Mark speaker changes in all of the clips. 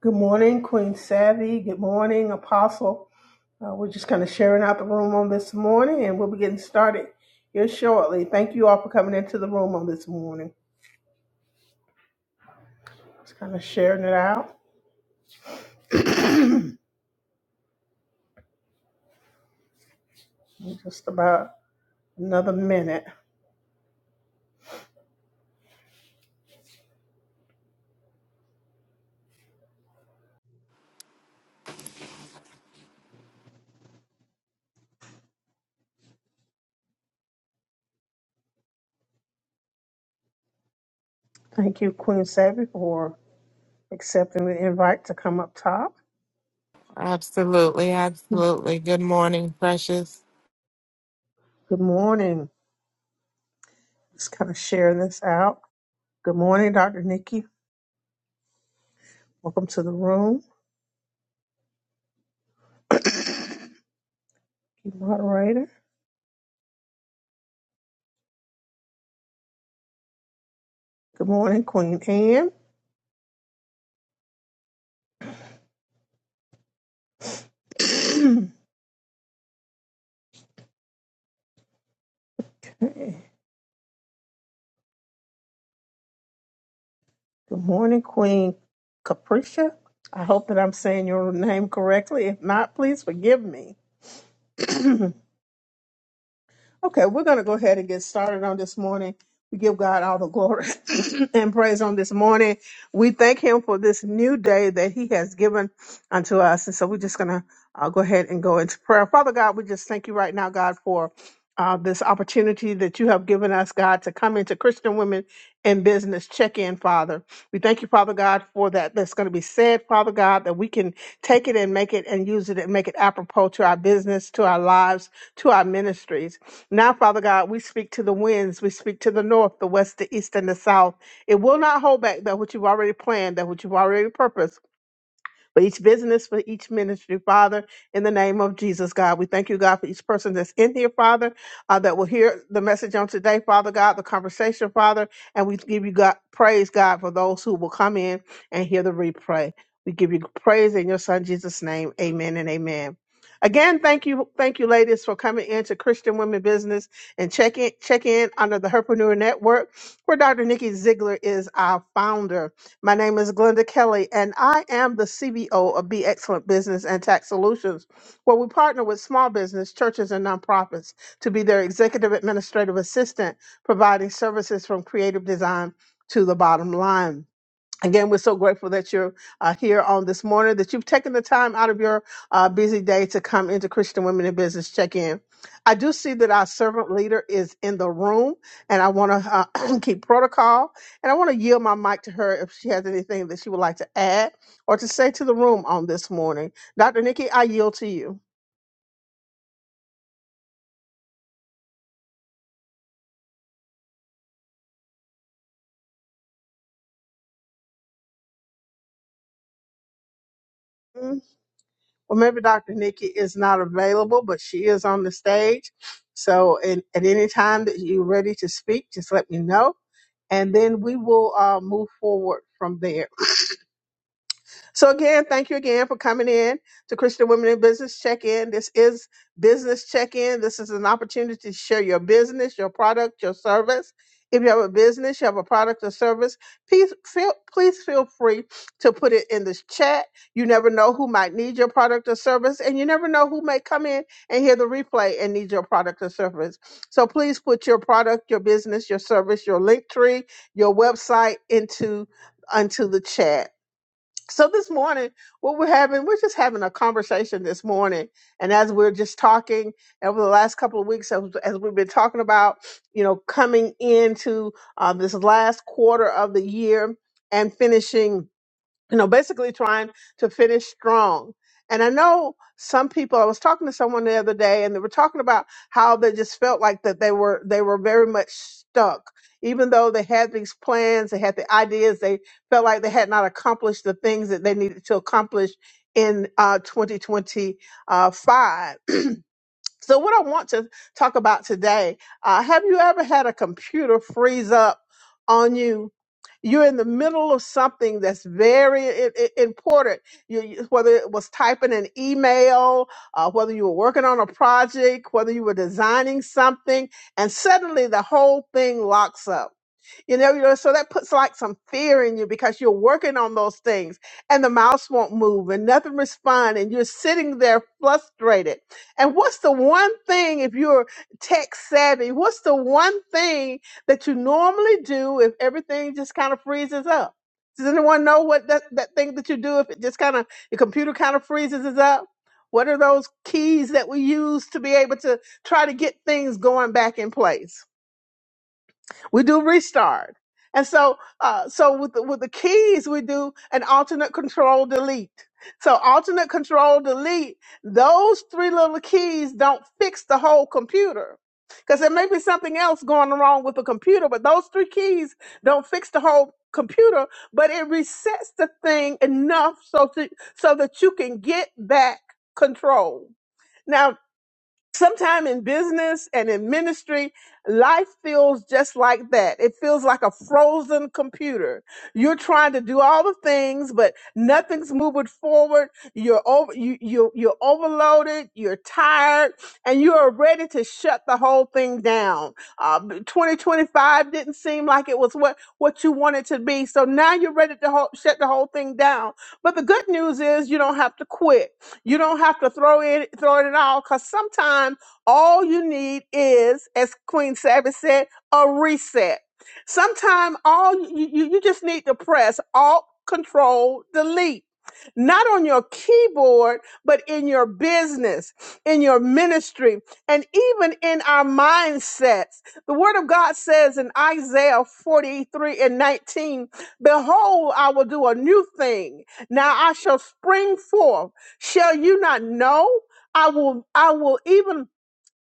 Speaker 1: Good morning, Queen Savvy. Good morning, Apostle. Uh, we're just kind of sharing out the room on this morning, and we'll be getting started here shortly. Thank you all for coming into the room on this morning. Just kind of sharing it out in just about another minute. Thank you, Queen Savvy, for accepting the invite to come up top.
Speaker 2: Absolutely, absolutely. Good morning, precious.
Speaker 1: Good morning. Just kind of sharing this out. Good morning, Dr. Nikki. Welcome to the room, Thank you moderator. Good morning, Queen Anne. Good morning, Queen Capricia. I hope that I'm saying your name correctly. If not, please forgive me. Okay, we're going to go ahead and get started on this morning. We give God all the glory and praise on this morning. We thank Him for this new day that He has given unto us. And so we're just going to uh, go ahead and go into prayer. Father God, we just thank you right now, God, for uh, this opportunity that you have given us, God, to come into Christian Women in Business Check In, Father. We thank you, Father God, for that that's going to be said, Father God, that we can take it and make it and use it and make it apropos to our business, to our lives, to our ministries. Now, Father God, we speak to the winds, we speak to the north, the west, the east, and the south. It will not hold back that which you've already planned, that which you've already purposed for each business, for each ministry, Father, in the name of Jesus, God. We thank you, God, for each person that's in here, Father, uh, that will hear the message on today, Father God, the conversation, Father, and we give you God praise, God, for those who will come in and hear the replay. We give you praise in your Son Jesus' name. Amen and amen. Again, thank you, thank you, ladies, for coming into Christian Women Business and check in, check in under the Herpreneur Network, where Dr. Nikki Ziegler is our founder. My name is Glenda Kelly, and I am the CBO of Be Excellent Business and Tax Solutions, where we partner with small business, churches, and nonprofits to be their executive administrative assistant, providing services from creative design to the bottom line. Again, we're so grateful that you're uh, here on this morning, that you've taken the time out of your uh, busy day to come into Christian Women in Business check in. I do see that our servant leader is in the room, and I want to uh, keep protocol. And I want to yield my mic to her if she has anything that she would like to add or to say to the room on this morning. Dr. Nikki, I yield to you. Well, maybe Dr. Nikki is not available, but she is on the stage. So in, at any time that you're ready to speak, just let me know. And then we will uh, move forward from there. So again, thank you again for coming in to Christian Women in Business Check-in. This is business check-in. This is an opportunity to share your business, your product, your service. If you have a business, you have a product or service, please feel please feel free to put it in this chat. You never know who might need your product or service, and you never know who may come in and hear the replay and need your product or service. So please put your product, your business, your service, your link tree, your website into onto the chat. So this morning, what we're having, we're just having a conversation this morning. And as we're just talking over the last couple of weeks, as, as we've been talking about, you know, coming into uh, this last quarter of the year and finishing you know, basically trying to finish strong. And I know some people. I was talking to someone the other day, and they were talking about how they just felt like that they were they were very much stuck, even though they had these plans, they had the ideas, they felt like they had not accomplished the things that they needed to accomplish in uh, 2025. So, what I want to talk about today uh, have you ever had a computer freeze up on you? You're in the middle of something that's very i- i- important, you, you- whether it was typing an email, uh, whether you were working on a project, whether you were designing something, and suddenly the whole thing locks up you know, you know, so that puts like some fear in you because you're working on those things and the mouse won't move and nothing respond and you're sitting there frustrated. And what's the one thing if you're tech savvy, what's the one thing that you normally do if everything just kind of freezes up? Does anyone know what that, that thing that you do if it just kind of your computer kind of freezes us up? What are those keys that we use to be able to try to get things going back in place? we do restart and so uh, so with the, with the keys we do an alternate control delete so alternate control delete those three little keys don't fix the whole computer because there may be something else going wrong with the computer but those three keys don't fix the whole computer but it resets the thing enough so to, so that you can get back control Now. Sometime in business and in ministry, life feels just like that. It feels like a frozen computer. You're trying to do all the things, but nothing's moving forward. You're over, you, you, you're overloaded. You're tired and you are ready to shut the whole thing down. Uh, 2025 didn't seem like it was what, what you wanted to be. So now you're ready to ho- shut the whole thing down. But the good news is you don't have to quit you don't have to throw it throw it all because sometimes all you need is, as Queen Savage said, a reset. Sometimes all you, you, you just need to press Alt Control Delete. Not on your keyboard, but in your business, in your ministry, and even in our mindsets. The Word of God says in Isaiah 43 and 19, Behold, I will do a new thing. Now I shall spring forth. Shall you not know? I will I will even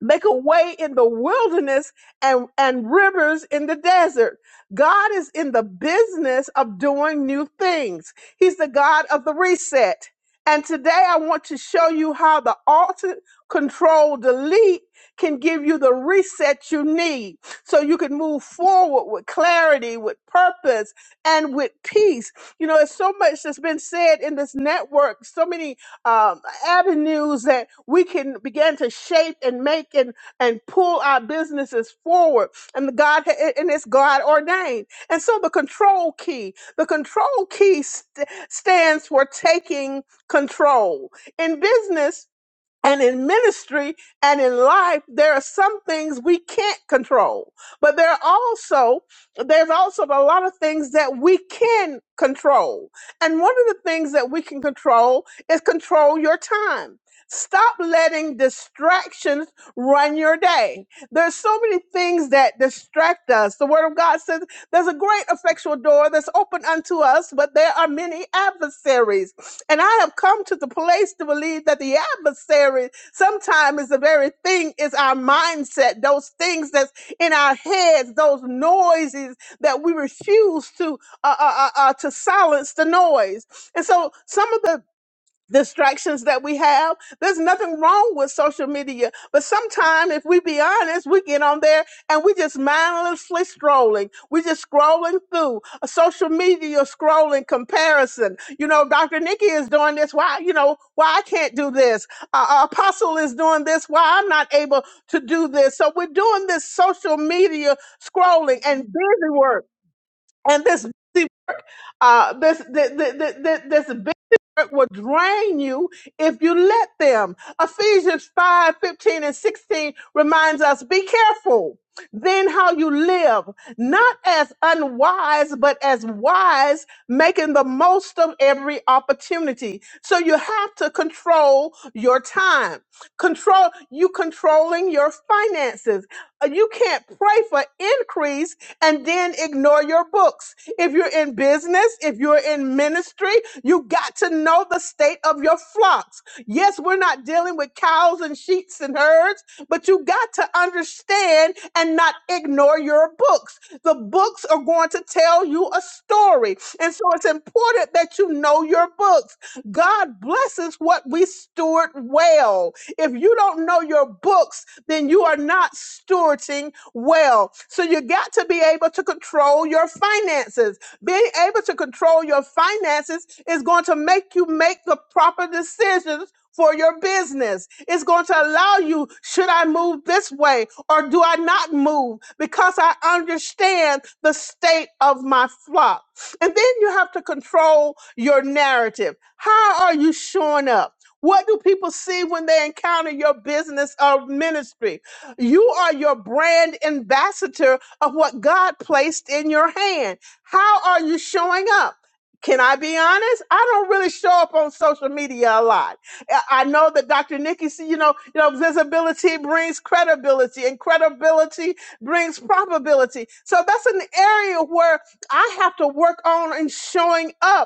Speaker 1: make a way in the wilderness and, and rivers in the desert. God is in the business of doing new things. He's the God of the reset. And today I want to show you how the alt control delete can give you the reset you need so you can move forward with clarity, with purpose, and with peace. You know, it's so much that's been said in this network, so many um, avenues that we can begin to shape and make and, and pull our businesses forward. And the God and it's God ordained. And so the control key, the control key st- stands for taking control in business. And in ministry and in life, there are some things we can't control, but there are also, there's also a lot of things that we can control. And one of the things that we can control is control your time. Stop letting distractions run your day. There's so many things that distract us. The word of God says there's a great effectual door that's open unto us, but there are many adversaries. And I have come to the place to believe that the adversary sometimes is the very thing is our mindset, those things that's in our heads, those noises that we refuse to uh, uh, uh, uh, to silence the noise. And so some of the distractions that we have. There's nothing wrong with social media, but sometimes, if we be honest, we get on there and we just mindlessly scrolling. we just scrolling through a social media scrolling comparison. You know, Dr. Nikki is doing this. Why, you know, why I can't do this? Uh, Apostle is doing this. Why I'm not able to do this? So we're doing this social media scrolling and busy work and this. Uh, this, this, this, this, this big will drain you if you let them. Ephesians 5 15 and 16 reminds us be careful then how you live, not as unwise, but as wise, making the most of every opportunity. So you have to control your time. Control you controlling your finances. Uh, You can't pray for increase and then ignore your books. If you're in business, if you're in ministry, you got to know the state of your flocks. Yes, we're not dealing with cows and sheep and herds, but you got to understand and not ignore your books. The books are going to tell you a story. And so it's important that you know your books. God blesses what we we steward well. If you don't know your books, then you are not stewarding well. So you got to be able to control your finances. Being able to control your finances is going to make you make the proper decisions. For your business, it's going to allow you should I move this way or do I not move? Because I understand the state of my flock. And then you have to control your narrative. How are you showing up? What do people see when they encounter your business or ministry? You are your brand ambassador of what God placed in your hand. How are you showing up? Can I be honest? I don't really show up on social media a lot. I I know that Dr. Nikki, see, you know, you know, visibility brings credibility, and credibility brings probability. So that's an area where I have to work on in showing up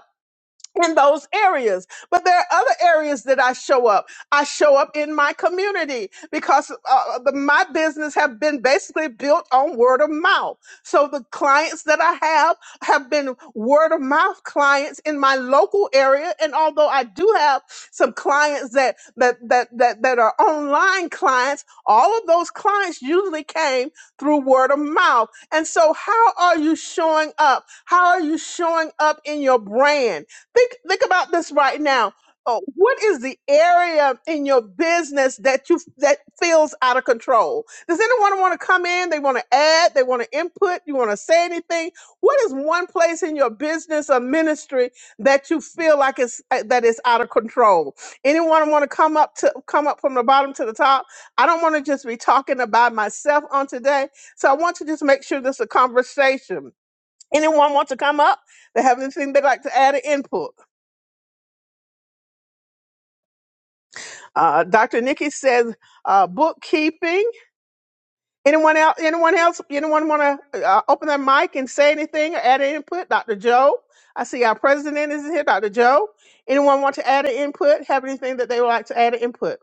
Speaker 1: in those areas. But there are other areas that I show up. I show up in my community because uh, uh, the, my business have been basically built on word of mouth. So the clients that I have have been word of mouth clients in my local area. And although I do have some clients that that that that, that are online clients, all of those clients usually came through word of mouth. And so how are you showing up? How are you showing up in your brand? think think about this right now. Oh, what is the area in your business that you that feels out of control? Does anyone want to come in? They want to add, they want to input, you want to say anything? What is one place in your business or ministry that you feel like it's uh, that is out of control? Anyone want to come up to come up from the bottom to the top? I don't want to just be talking about myself on today. So I want to just make sure this is a conversation. Anyone want to come up? They have anything they'd like to add or input? Uh, Dr. Nikki says uh, bookkeeping. Anyone else? Anyone else? Anyone want to uh, open their mic and say anything or add an input? Dr. Joe, I see our president is here. Dr. Joe, anyone want to add an input? Have anything that they would like to add an input?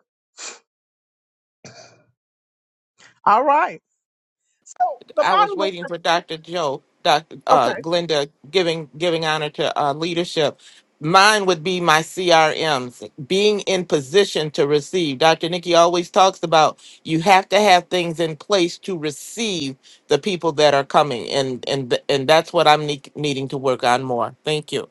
Speaker 1: All right. So the
Speaker 2: I was
Speaker 1: bottom.
Speaker 2: waiting for Dr. Joe, Dr. Uh, Glenda giving giving honor to uh, leadership. Mine would be my CRMs, being in position to receive. Dr. Nikki always talks about you have to have things in place to receive the people that are coming, and and and that's what I'm ne- needing to work on more. Thank you.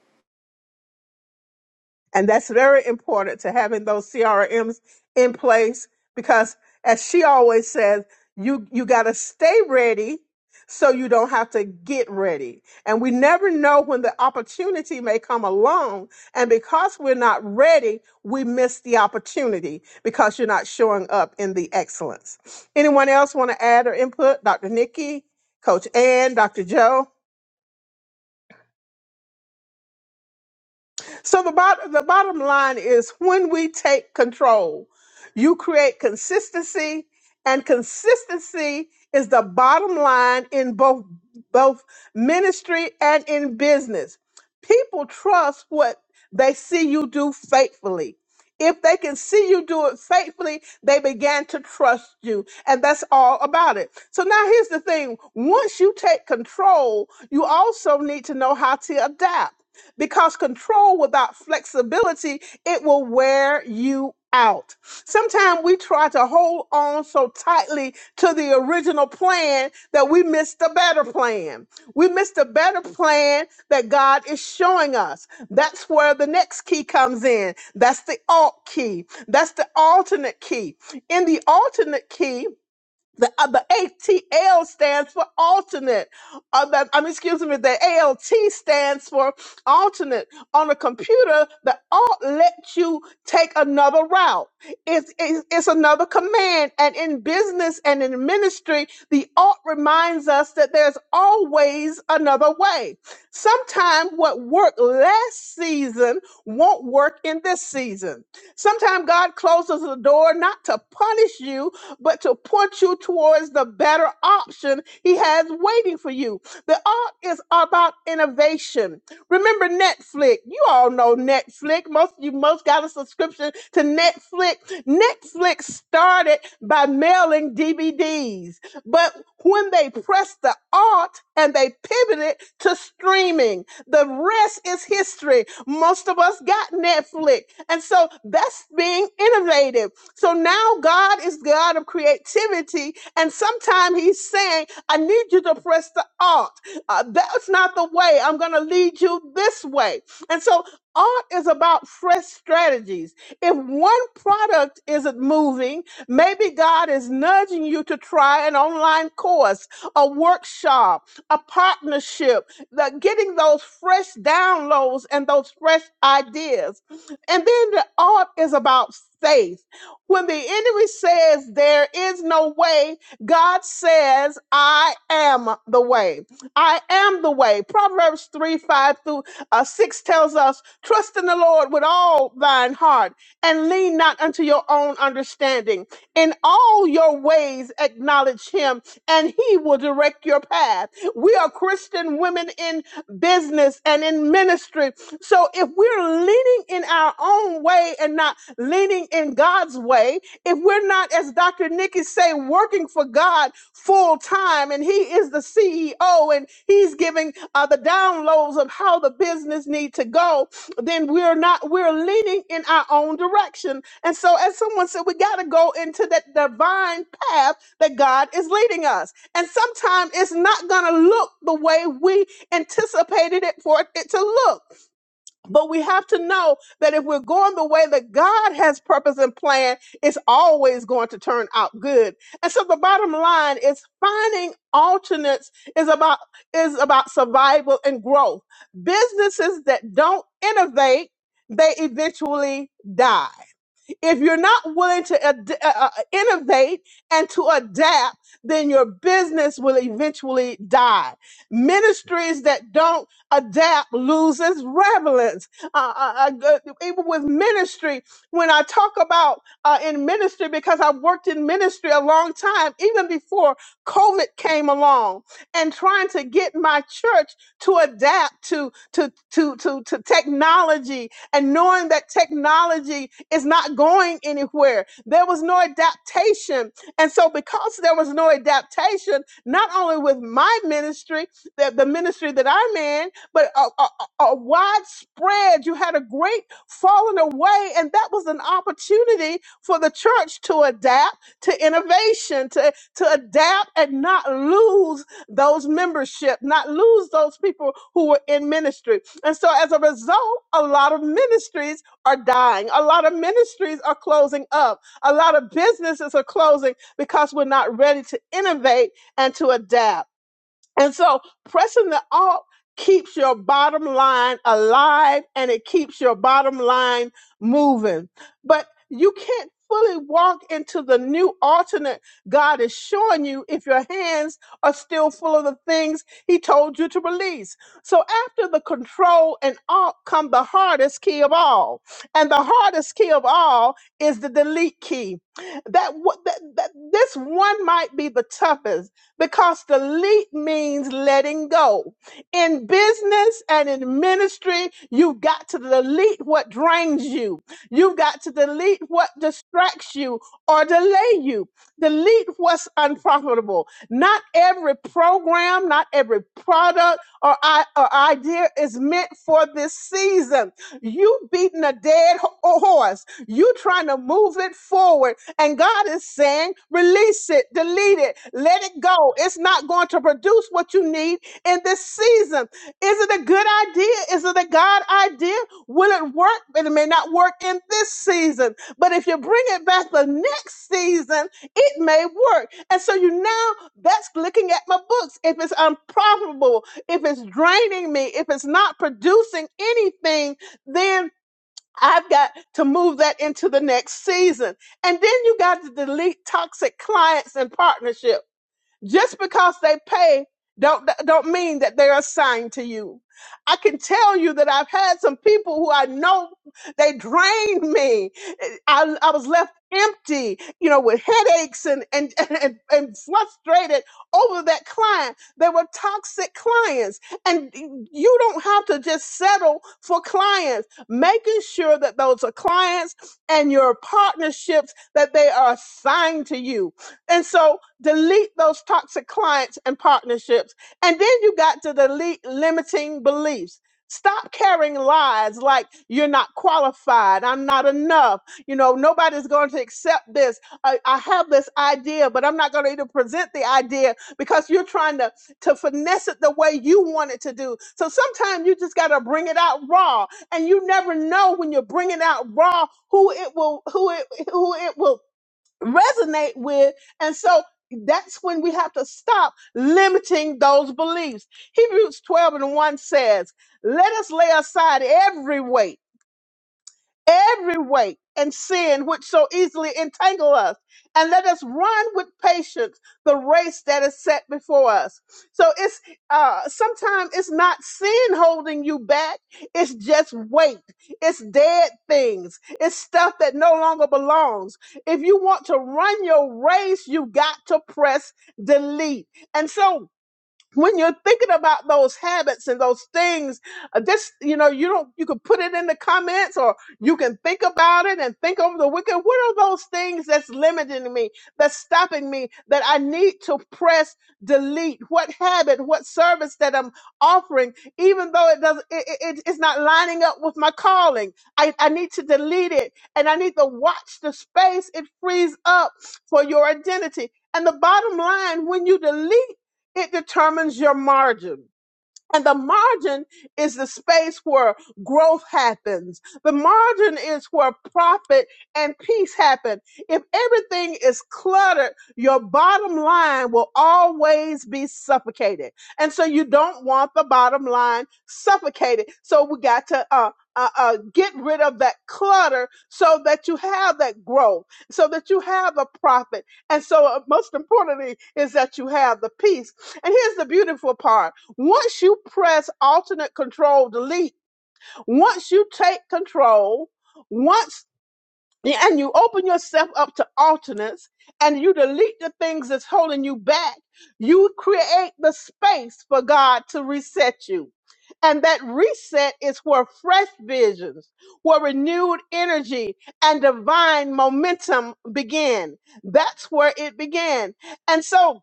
Speaker 1: And that's very important to having those CRMs in place because as she always says, you, you got to stay ready so you don't have to get ready. And we never know when the opportunity may come along. And because we're not ready, we miss the opportunity because you're not showing up in the excellence. Anyone else want to add or input? Dr. Nikki, Coach Ann, Dr. Joe? So the bottom the bottom line is when we take control, you create consistency, and consistency is the bottom line in both both ministry and in business. People trust what they see you do faithfully. If they can see you do it faithfully, they began to trust you. And that's all about it. So now here's the thing. Once you take control, you also need to know how to adapt because control without flexibility it will wear you out sometimes we try to hold on so tightly to the original plan that we miss the better plan we miss the better plan that god is showing us that's where the next key comes in that's the alt key that's the alternate key in the alternate key the, uh, the ATL stands for alternate. Uh, the, I mean, excuse me, the ALT stands for alternate. On a computer, the alt lets you take another route. It's, it's, it's another command. And in business and in ministry, the alt reminds us that there's always another way. Sometimes what worked last season won't work in this season. Sometimes God closes the door not to punish you, but to point you towards the better option He has waiting for you. The art is about innovation. Remember Netflix. You all know Netflix. Most of you most got a subscription to Netflix. Netflix started by mailing DVDs. But when they pressed the alt and they pivoted to streaming, the rest is history. Most of us got Netflix. And so that's being innovative. So now God is the God of creativity. And sometimes He's saying, I need you to press the alt. Uh, that's not the way. I'm going to lead you this way. And so art is about fresh strategies. If one product isn't moving, Maybe God is nudging you to try an online course, a workshop, a partnership, the, getting those fresh downloads and those fresh ideas. And then the art is about faith. When the enemy says there is no way, God says, I am the way. I am the way. Proverbs 3 5 through uh, 6 tells us, Trust in the Lord with all thine heart and lean not unto your own understanding. In all your ways, acknowledge him, and he will direct your path. We are Christian women in business and in ministry. So if we're leaning in our own way and not leaning in God's way, if we're not, as Dr. Nikki say, working for God full time, and He is the CEO and He's giving uh, the downloads of how the business need to go, then we're not we're leaning in our own direction and so as someone said we got to go into that divine path that god is leading us and sometimes it's not going to look the way we anticipated it for it to look but we have to know that if we're going the way that God has purpose and plan, it's always going to turn out good. And so the bottom line is finding alternates is about is about survival and growth. Businesses that don't innovate, they eventually die. If you're not willing to ad- uh, uh, innovate and to adapt, then your business will eventually die. Ministries that don't adapt loses relevance. Uh, uh, uh, even with ministry, when I talk about uh, in ministry, because I worked in ministry a long time, even before COVID came along, and trying to get my church to adapt to to to to, to technology and knowing that technology is not going anywhere. There was no adaptation. And so, because there was no adaptation, not only with my ministry, the, the ministry that I'm in, but a, a, a a widespread, you had a great falling away. And that was an opportunity for the church to adapt to innovation, to, to adapt and not lose those membership, not lose those people who were in ministry. And so as a result, a lot of ministries are dying. A lot of ministries are closing up. A lot of businesses are closing because we're not ready to innovate and to adapt. And so pressing the alt keeps your bottom line alive and it keeps your bottom line moving. But you can't fully walk into the new alternate God is showing you if your hands are still full of the things he told you to release. So after the control and alt come the hardest key of all. And the hardest key of all is the delete key. That, wa- that, that this one might be the toughest because delete means letting go. In business and in ministry, you've got to delete what drains you. You've got to delete what distracts you or delay you. Delete what's unprofitable. Not every program, not every product or, I, or idea is meant for this season. You beating a dead ho- horse. You trying to move it forward. And God is saying, release it, delete it, let it go know it's not going to produce what you need in this season. Is it a good idea? Is it a God idea? Will it work? But it may not work in this season. But if you bring it back the next season, it may work. And so you now that's looking at my books. If it's unprofitable, if it's draining me, if it's not producing anything, then I've got to move that into the next season. And then you got to delete toxic clients and partnerships just because they pay don't don't mean that they're assigned to you. I can tell you that I've had some people who I know they drained me. I, I was left empty, you know, with headaches and and, and and and frustrated over that client. They were toxic clients. And you don't have to just settle for clients. Making sure that those are clients and your partnerships that they are assigned to you and so delete those toxic clients and partnerships. And then you got to delete limiting beliefs. Stop carrying lies like you're not qualified, I'm not enough, you know, nobody's going to accept this. I, I have this idea, but I'm not going to even present the idea because you're trying to, to finesse it the way you want it to do. So sometimes you just got to bring it out raw and you never know when you're bringing out raw who it will, who it, who it will resonate with. And so that's when we have to stop limiting those beliefs. Hebrews 12 and 1 says, Let us lay aside every weight every weight and sin which so easily entangle us, and let us run with patience the race that is set before us. So it's uh sometimes it's not sin holding you back, it's just weight, it's dead things, it's stuff that no longer belongs. If you want to run your race, you got to press delete. And so when you're thinking about those habits and those things uh, just you know you don't you can put it in the comments or you can think about it and think over the weekend what are those things that's limiting me that's stopping me that i need to press delete what habit what service that i'm offering even though it doesn't it, it, it- it's not lining up with my calling I, I need to delete it and i need to watch the space it frees up for your identity and the bottom line when you delete it determines your margin. And the margin is the space where growth happens. The margin is where profit and peace happen. If everything is cluttered, your bottom line will always be suffocated. And so you don't want the bottom line suffocated. So we got to, uh, uh, uh, get rid of that clutter so that you have that growth, so that you have a profit. And so, uh, most importantly, is that you have the peace. And here's the beautiful part once you press alternate control delete, once you take control, once and you open yourself up to alternates and you delete the things that's holding you back, you create the space for God to reset you. And that reset is where fresh visions, where renewed energy and divine momentum begin. That's where it began. And so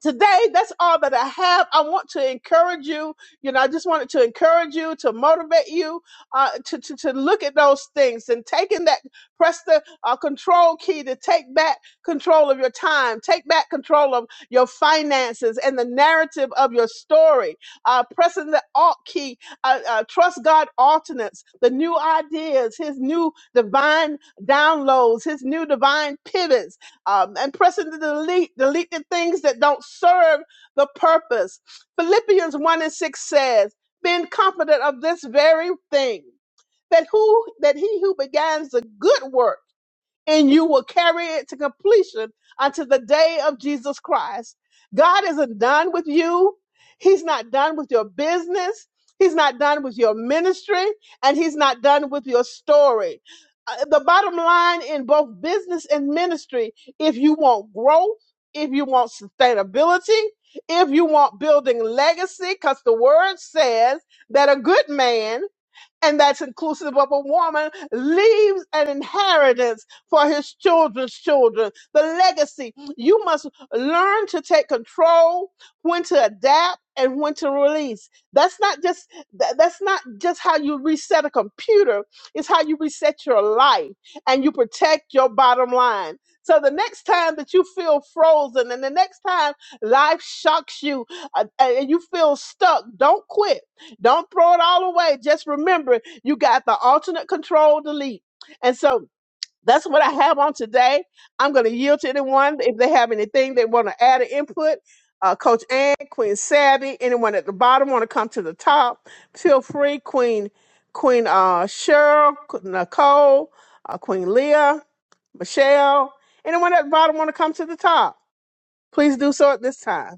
Speaker 1: today that's all that i have i want to encourage you you know i just wanted to encourage you to motivate you uh, to, to, to look at those things and taking that press the uh, control key to take back control of your time take back control of your finances and the narrative of your story uh, pressing the alt key uh, uh, trust god alternates the new ideas his new divine downloads his new divine pivots um, and pressing to delete, delete the things that don't serve the purpose. Philippians 1 and 6 says, being confident of this very thing, that who that he who begins the good work and you will carry it to completion unto the day of Jesus Christ. God isn't done with you. He's not done with your business. He's not done with your ministry and he's not done with your story. Uh, The bottom line in both business and ministry, if you want growth, if you want sustainability, if you want building legacy, because the word says that a good man and that's inclusive of a woman, leaves an inheritance for his children's children. The legacy. You must learn to take control, when to adapt, and when to release. That's not just tha- that's not just how you reset a computer. It's how you reset your life and you protect your bottom line. So the next time that you feel frozen and the next time life shocks you uh, and you feel stuck, don't quit don't throw it all away. Just remember, you got the alternate control delete. And so that's what I have on today. I'm going to yield to anyone if they have anything they want to add or input. Uh, Coach Ann, Queen Savvy, anyone at the bottom want to come to the top? Feel free, Queen Queen uh, Cheryl, Nicole, uh, Queen Leah, Michelle. Anyone at the bottom want to come to the top? Please do so at this time.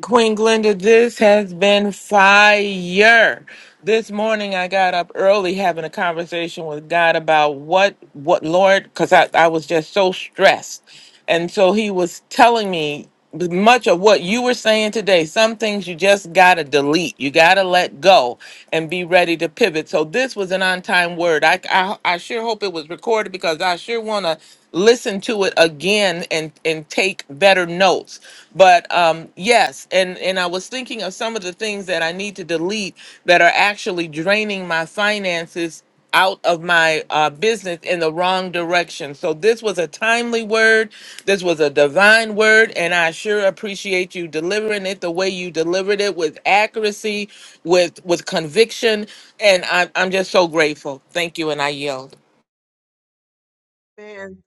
Speaker 2: Queen Glenda, this has been fire. This morning I got up early having a conversation with God about what, what, Lord, because I, I was just so stressed. And so he was telling me much of what you were saying today. Some things you just got to delete, you got to let go and be ready to pivot. So this was an on time word. I, I, I sure hope it was recorded because I sure want to listen to it again and, and take better notes but um yes and and i was thinking of some of the things that i need to delete that are actually draining my finances out of my uh, business in the wrong direction so this was a timely word this was a divine word and i sure appreciate you delivering it the way you delivered it with accuracy with with conviction and i'm, I'm just so grateful thank you and i yield
Speaker 1: Man,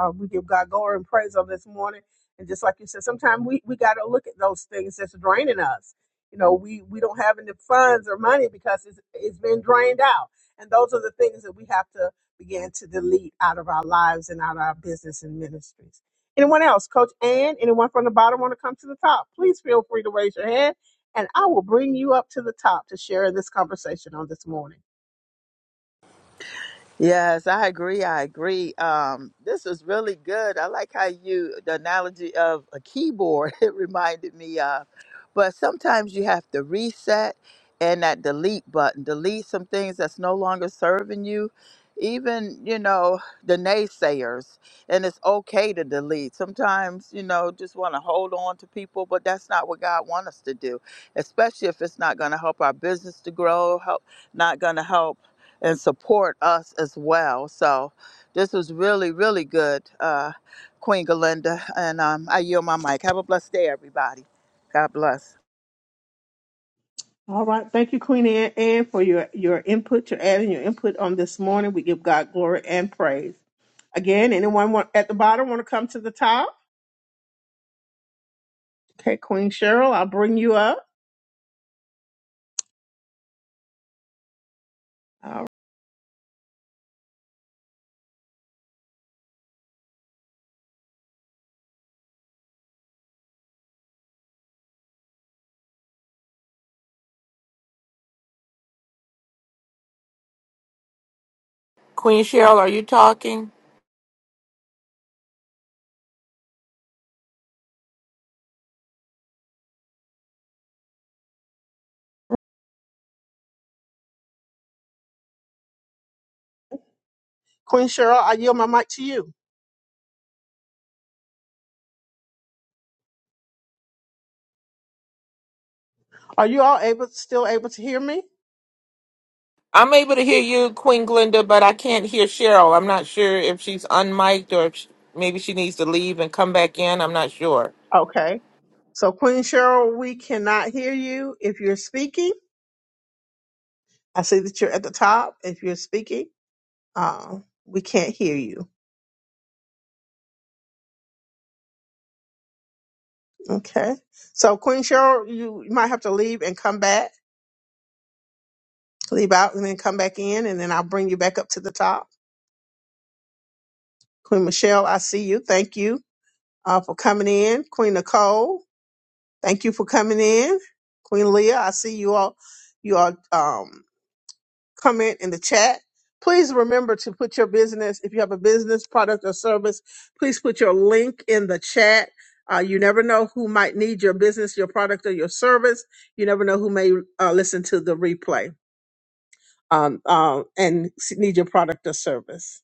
Speaker 1: uh, we give God glory and praise on this morning. And just like you said, sometimes we, we got to look at those things that's draining us. You know, we, we don't have any funds or money because it's, it's been drained out. And those are the things that we have to begin to delete out of our lives and out of our business and ministries. Anyone else? Coach Ann, anyone from the bottom want to come to the top? Please feel free to raise your hand and I will bring you up to the top to share in this conversation on this morning.
Speaker 3: Yes, I agree. I agree. Um, this is really good. I like how you the analogy of a keyboard. It reminded me of, but sometimes you have to reset and that delete button, delete some things that's no longer serving you. Even you know the naysayers, and it's okay to delete. Sometimes you know just want to hold on to people, but that's not what God wants us to do. Especially if it's not going to help our business to grow, help not going to help and support us as well. So this was really, really good, uh, Queen Galinda. And um, I yield my mic. Have a blessed day, everybody. God bless.
Speaker 1: All right. Thank you, Queen Anne, Anne, for your, your input, your adding your input on this morning. We give God glory and praise. Again, anyone want, at the bottom want to come to the top? Okay, Queen Cheryl, I'll bring you up. All
Speaker 2: queen cheryl are you talking
Speaker 1: right. Queen Cheryl, I yield my mic to you. Are you all able still able to hear me?
Speaker 2: I'm able to hear you, Queen Glinda, but I can't hear Cheryl. I'm not sure if she's unmiked or if sh maybe she needs to leave and come back in. I'm not sure.
Speaker 1: Okay. So, Queen Cheryl, we cannot hear you if you're speaking. I see that you're at the top if you're speaking. Uh, we can't hear you. Okay. So Queen Cheryl, you, you might have to leave and come back, leave out and then come back in, and then I'll bring you back up to the top. Queen Michelle, I see you. Thank you uh, for coming in. Queen Nicole, thank you for coming in. Queen Leah, I see you all. You all. Um, comment in the chat. Please remember to put your business, if you have a business, product, or service, please put your link in the chat. Uh, you never know who might need your business, your product, or your service. You never know who may uh, listen to the replay um, uh, and s- need your product or service.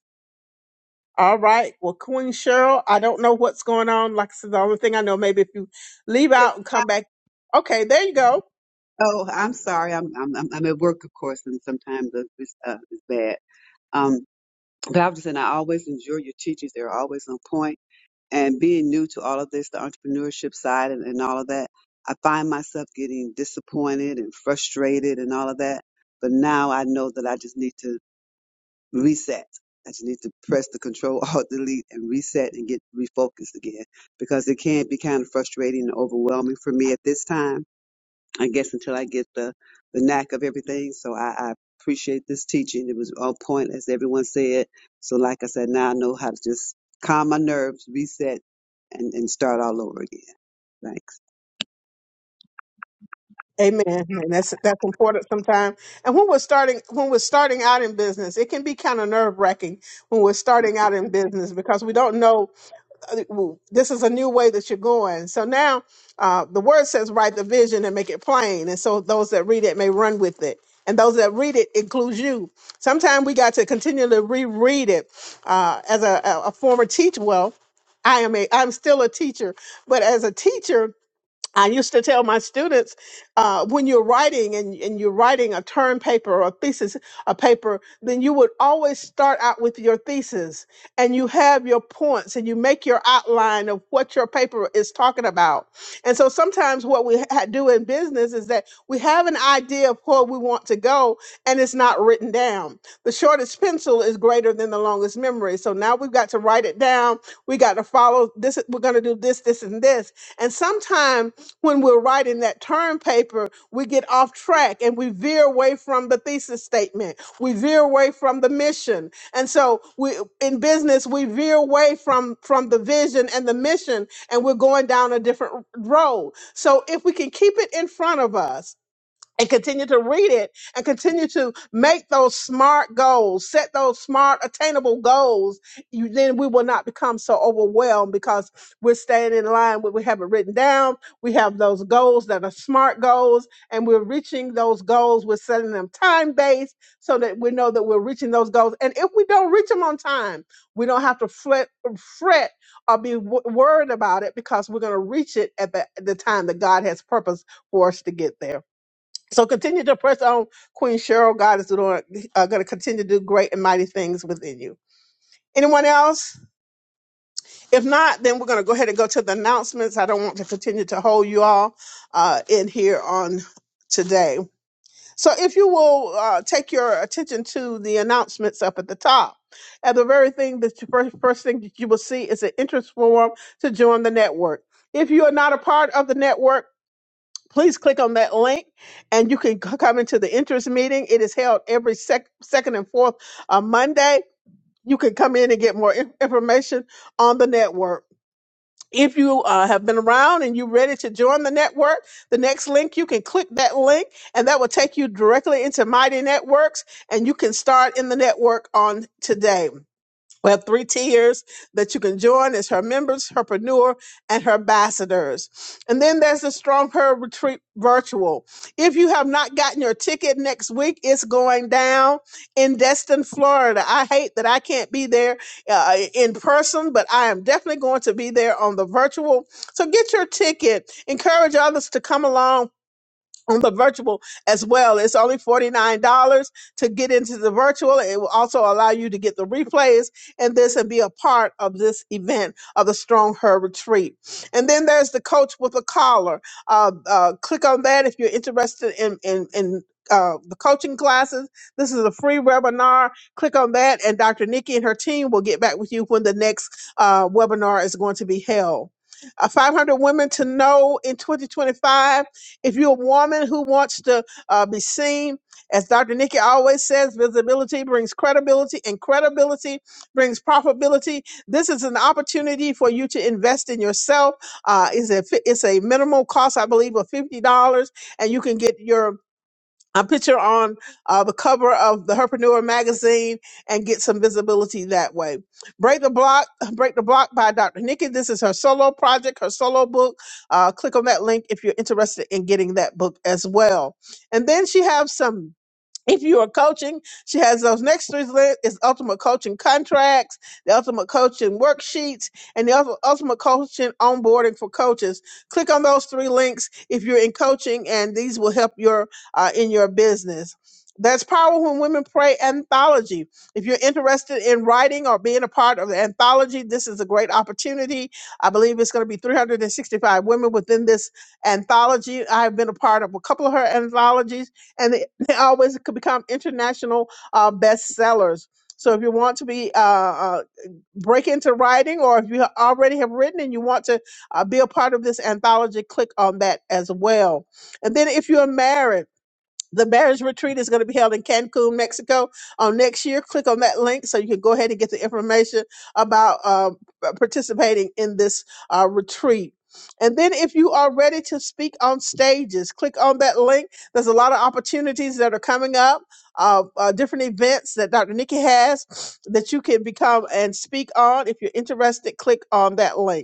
Speaker 1: All right. Well, Queen Cheryl, I don't know what's going on. Like I said, the only thing I know, maybe if you leave out and come back. Okay, there you go.
Speaker 4: Oh, I'm sorry. I'm I'm I'm I'm at work, of course, and sometimes the- this uh, is bad. Um, but I was saying I always enjoy your teachings. They're always on point. And being new to all of this, the entrepreneurship side and, and all of that, I find myself getting disappointed and frustrated and all of that. But now I know that I just need to reset. I just need to press the control alt delete and reset and get refocused again because it can be kind of frustrating and overwhelming for me at this time I guess until I get the, the knack of everything. So I, I appreciate this teaching. It was on point, as everyone said. So, like I said, now I know how to just calm my nerves, reset, and, and start all over again. Thanks.
Speaker 1: Amen. And that's that's important sometimes. And when we're starting when we're starting out in business, it can be kind of nerve wracking when we're starting out in business because we don't know uh, w- this is a new way that you're going. So now uh, the word says write the vision and make it plain. And so those that read it may run with it. And those that read it includes you. Sometimes we got to continually reread it. Uh, as a, a a former teacher, well, I am a I'm still a teacher, but as a teacher, I used to tell my students uh, when you're writing and, and you're writing a term paper or a thesis, a paper, then you would always start out with your thesis and you have your points and you make your outline of what your paper is talking about. And so sometimes what we ha- do in business is that we have an idea of where we want to go and it's not written down. The shortest pencil is greater than the longest memory. So now we've got to write it down. We got to follow this. We're going to do this, this, and this. And sometimes when we're writing that term paper, we get off track and we veer away from the thesis statement. We veer away from the mission. And so we in business, we veer away from from the vision and the mission and we're going down a different road. So if we can keep it in front of us and continue to read it and continue to make those smart goals, set those smart attainable goals, you then we will not become so overwhelmed because we're staying in line with we have it written down. We have those goals that are smart goals and we're reaching those goals. We're setting them time based so that we know that we're reaching those goals. And if we don't reach them on time, we don't have to fret, fret or be w- worried about it because we're going to reach it at the, the time that God has purposed for us to get there. So continue to press on, Queen Cheryl. God is doing, uh, going to continue to do great and mighty things within you. Anyone else? If not, then we're going to go ahead and go to the announcements. I don't want to continue to hold you all uh, in here on today. So if you will uh, take your attention to the announcements up at the top. And the very thing that you first, first thing that you will see is an interest form to join the network. If you are not a part of the network, please click on that link and you can c- come into the interest meeting. It is held every sec- second and fourth uh, Monday. You can come in and get more in- information on the network. If you uh, have been around and you're ready to join the network, the next link, you can click that link and that will take you directly into Mighty Networks and you can start in the network on today. We have three tiers that you can join. It's her members, herpreneur, and her ambassadors. And then there's the Strong Her Retreat Virtual. If you have not gotten your ticket next week, it's going down in Destin, Florida. I hate that I can't be there uh, in person, but I am definitely going to be there on the virtual. So get your ticket. Encourage others to come along on the virtual as well. It's only $49 to get into the virtual. It will also allow you to get the replays and this and be a part of this event of the Strong Her Retreat. And then there's the coach with a collar. Uh, uh, click on that if you're interested in, in, in uh, the coaching classes. This is a free webinar. Click on that, and Dr. Nikki and her team will get back with you when the next uh, webinar is going to be held. Uh, 500 Women to Know in 2025 if you're a woman who wants to uh, be seen, as Dr. Nikki always says, visibility brings credibility, and credibility brings profitability. This is an opportunity for you to invest in yourself. Uh, it's a fi- it's a minimal cost, I believe, of fifty dollars, and you can get your a picture on uh, the cover of the Herpreneur magazine and get some visibility that way. Break the Block, Break the Block by Dr. Nikki. This is her solo project, her solo book. Uh, click on that link if you're interested in getting that book as well. And then she has some if you are coaching, she has those next three lists is ultimate coaching contracts, the ultimate coaching worksheets, and the Ulti- ultimate coaching onboarding for coaches. Click on those three links if you're in coaching, and these will help your uh, in your business. That's Power When Women Pray anthology. If you're interested in writing or being a part of the anthology, this is a great opportunity. I believe it's going to be 365 women within this anthology. I've been a part of a couple of her anthologies and They always could become international uh, bestsellers. So if you want to be uh, uh, break into writing, or if you ha- already have written and you want to uh, be a part of this anthology, click on that as well. And then if you are married. The marriage retreat is going to be held in Cancun, Mexico on next year. Click on that link so you can go ahead and get the information about um, uh, participating in this uh, retreat. And then, if you are ready to speak on stages, click on that link. There's a lot of opportunities that are coming up, uh, uh, different events that Dr. Nikki has that you can become and speak on. If you're interested, click on that link.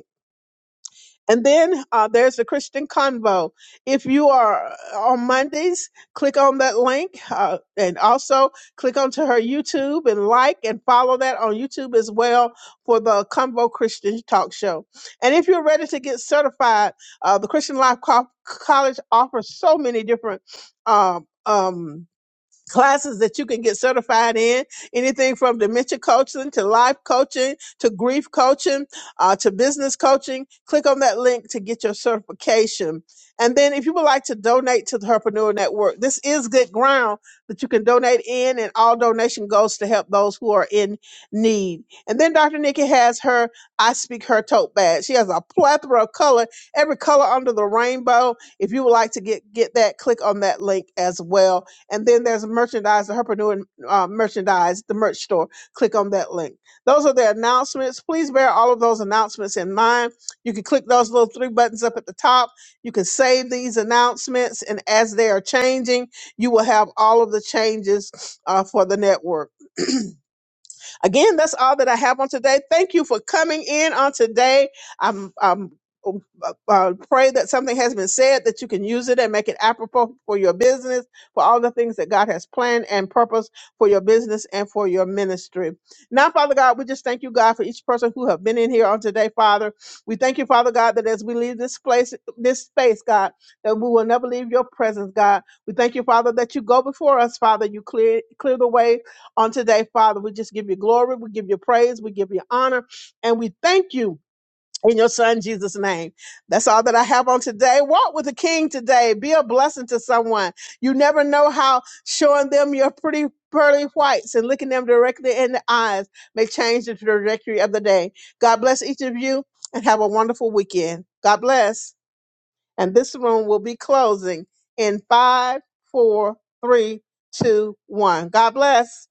Speaker 1: And then uh, there's the Christian Convo. If you are uh, on Mondays, click on that link uh, and also click onto her YouTube and like and follow that on YouTube as well for the Convo Christian Talk Show. And if you're ready to get certified, uh, the Christian Life Co- College offers so many different. Um, um, classes that you can get certified in anything from dementia coaching to life coaching to grief coaching uh, to business coaching click on that link to get your certification and then if you would like to donate to the herpreneur network this is good ground that you can donate in and all donation goes to help those who are in need and then dr nikki has her i speak her tote bag she has a plethora of color every color under the rainbow if you would like to get get that click on that link as well and then there's merchandise, the Herpreneur uh, merchandise, the merch store. Click on that link. Those are the announcements. Please bear all of those announcements in mind. You can click those little three buttons up at the top. You can save these announcements, and as they are changing, you will have all of the changes uh, for the network. Again, that's all that I have on today. Thank you for coming in on today. I'm, I'm um, uh, uh, pray that something has been said that you can use it and make it apropos for your business, for all the things that God has planned and purpose for your business and for your ministry. Now, Father God, we just thank you, God, for each person who have been in here on today, Father. We thank you, Father God, that as we leave this place, this space, God, that we will never leave your presence, God. We thank you, Father, that you go before us, Father. You clear clear the way on today, Father. We just give you glory, we give you praise, we give you honor, and we thank you. In your son Jesus' name. That's all that I have on today. Walk with the king today. Be a blessing to someone. You never know how showing them your pretty pearly whites and looking them directly in the eyes may change the trajectory of the day. God bless each of you and have a wonderful weekend. God bless. And this room will be closing in five, four, three, two, one. God bless.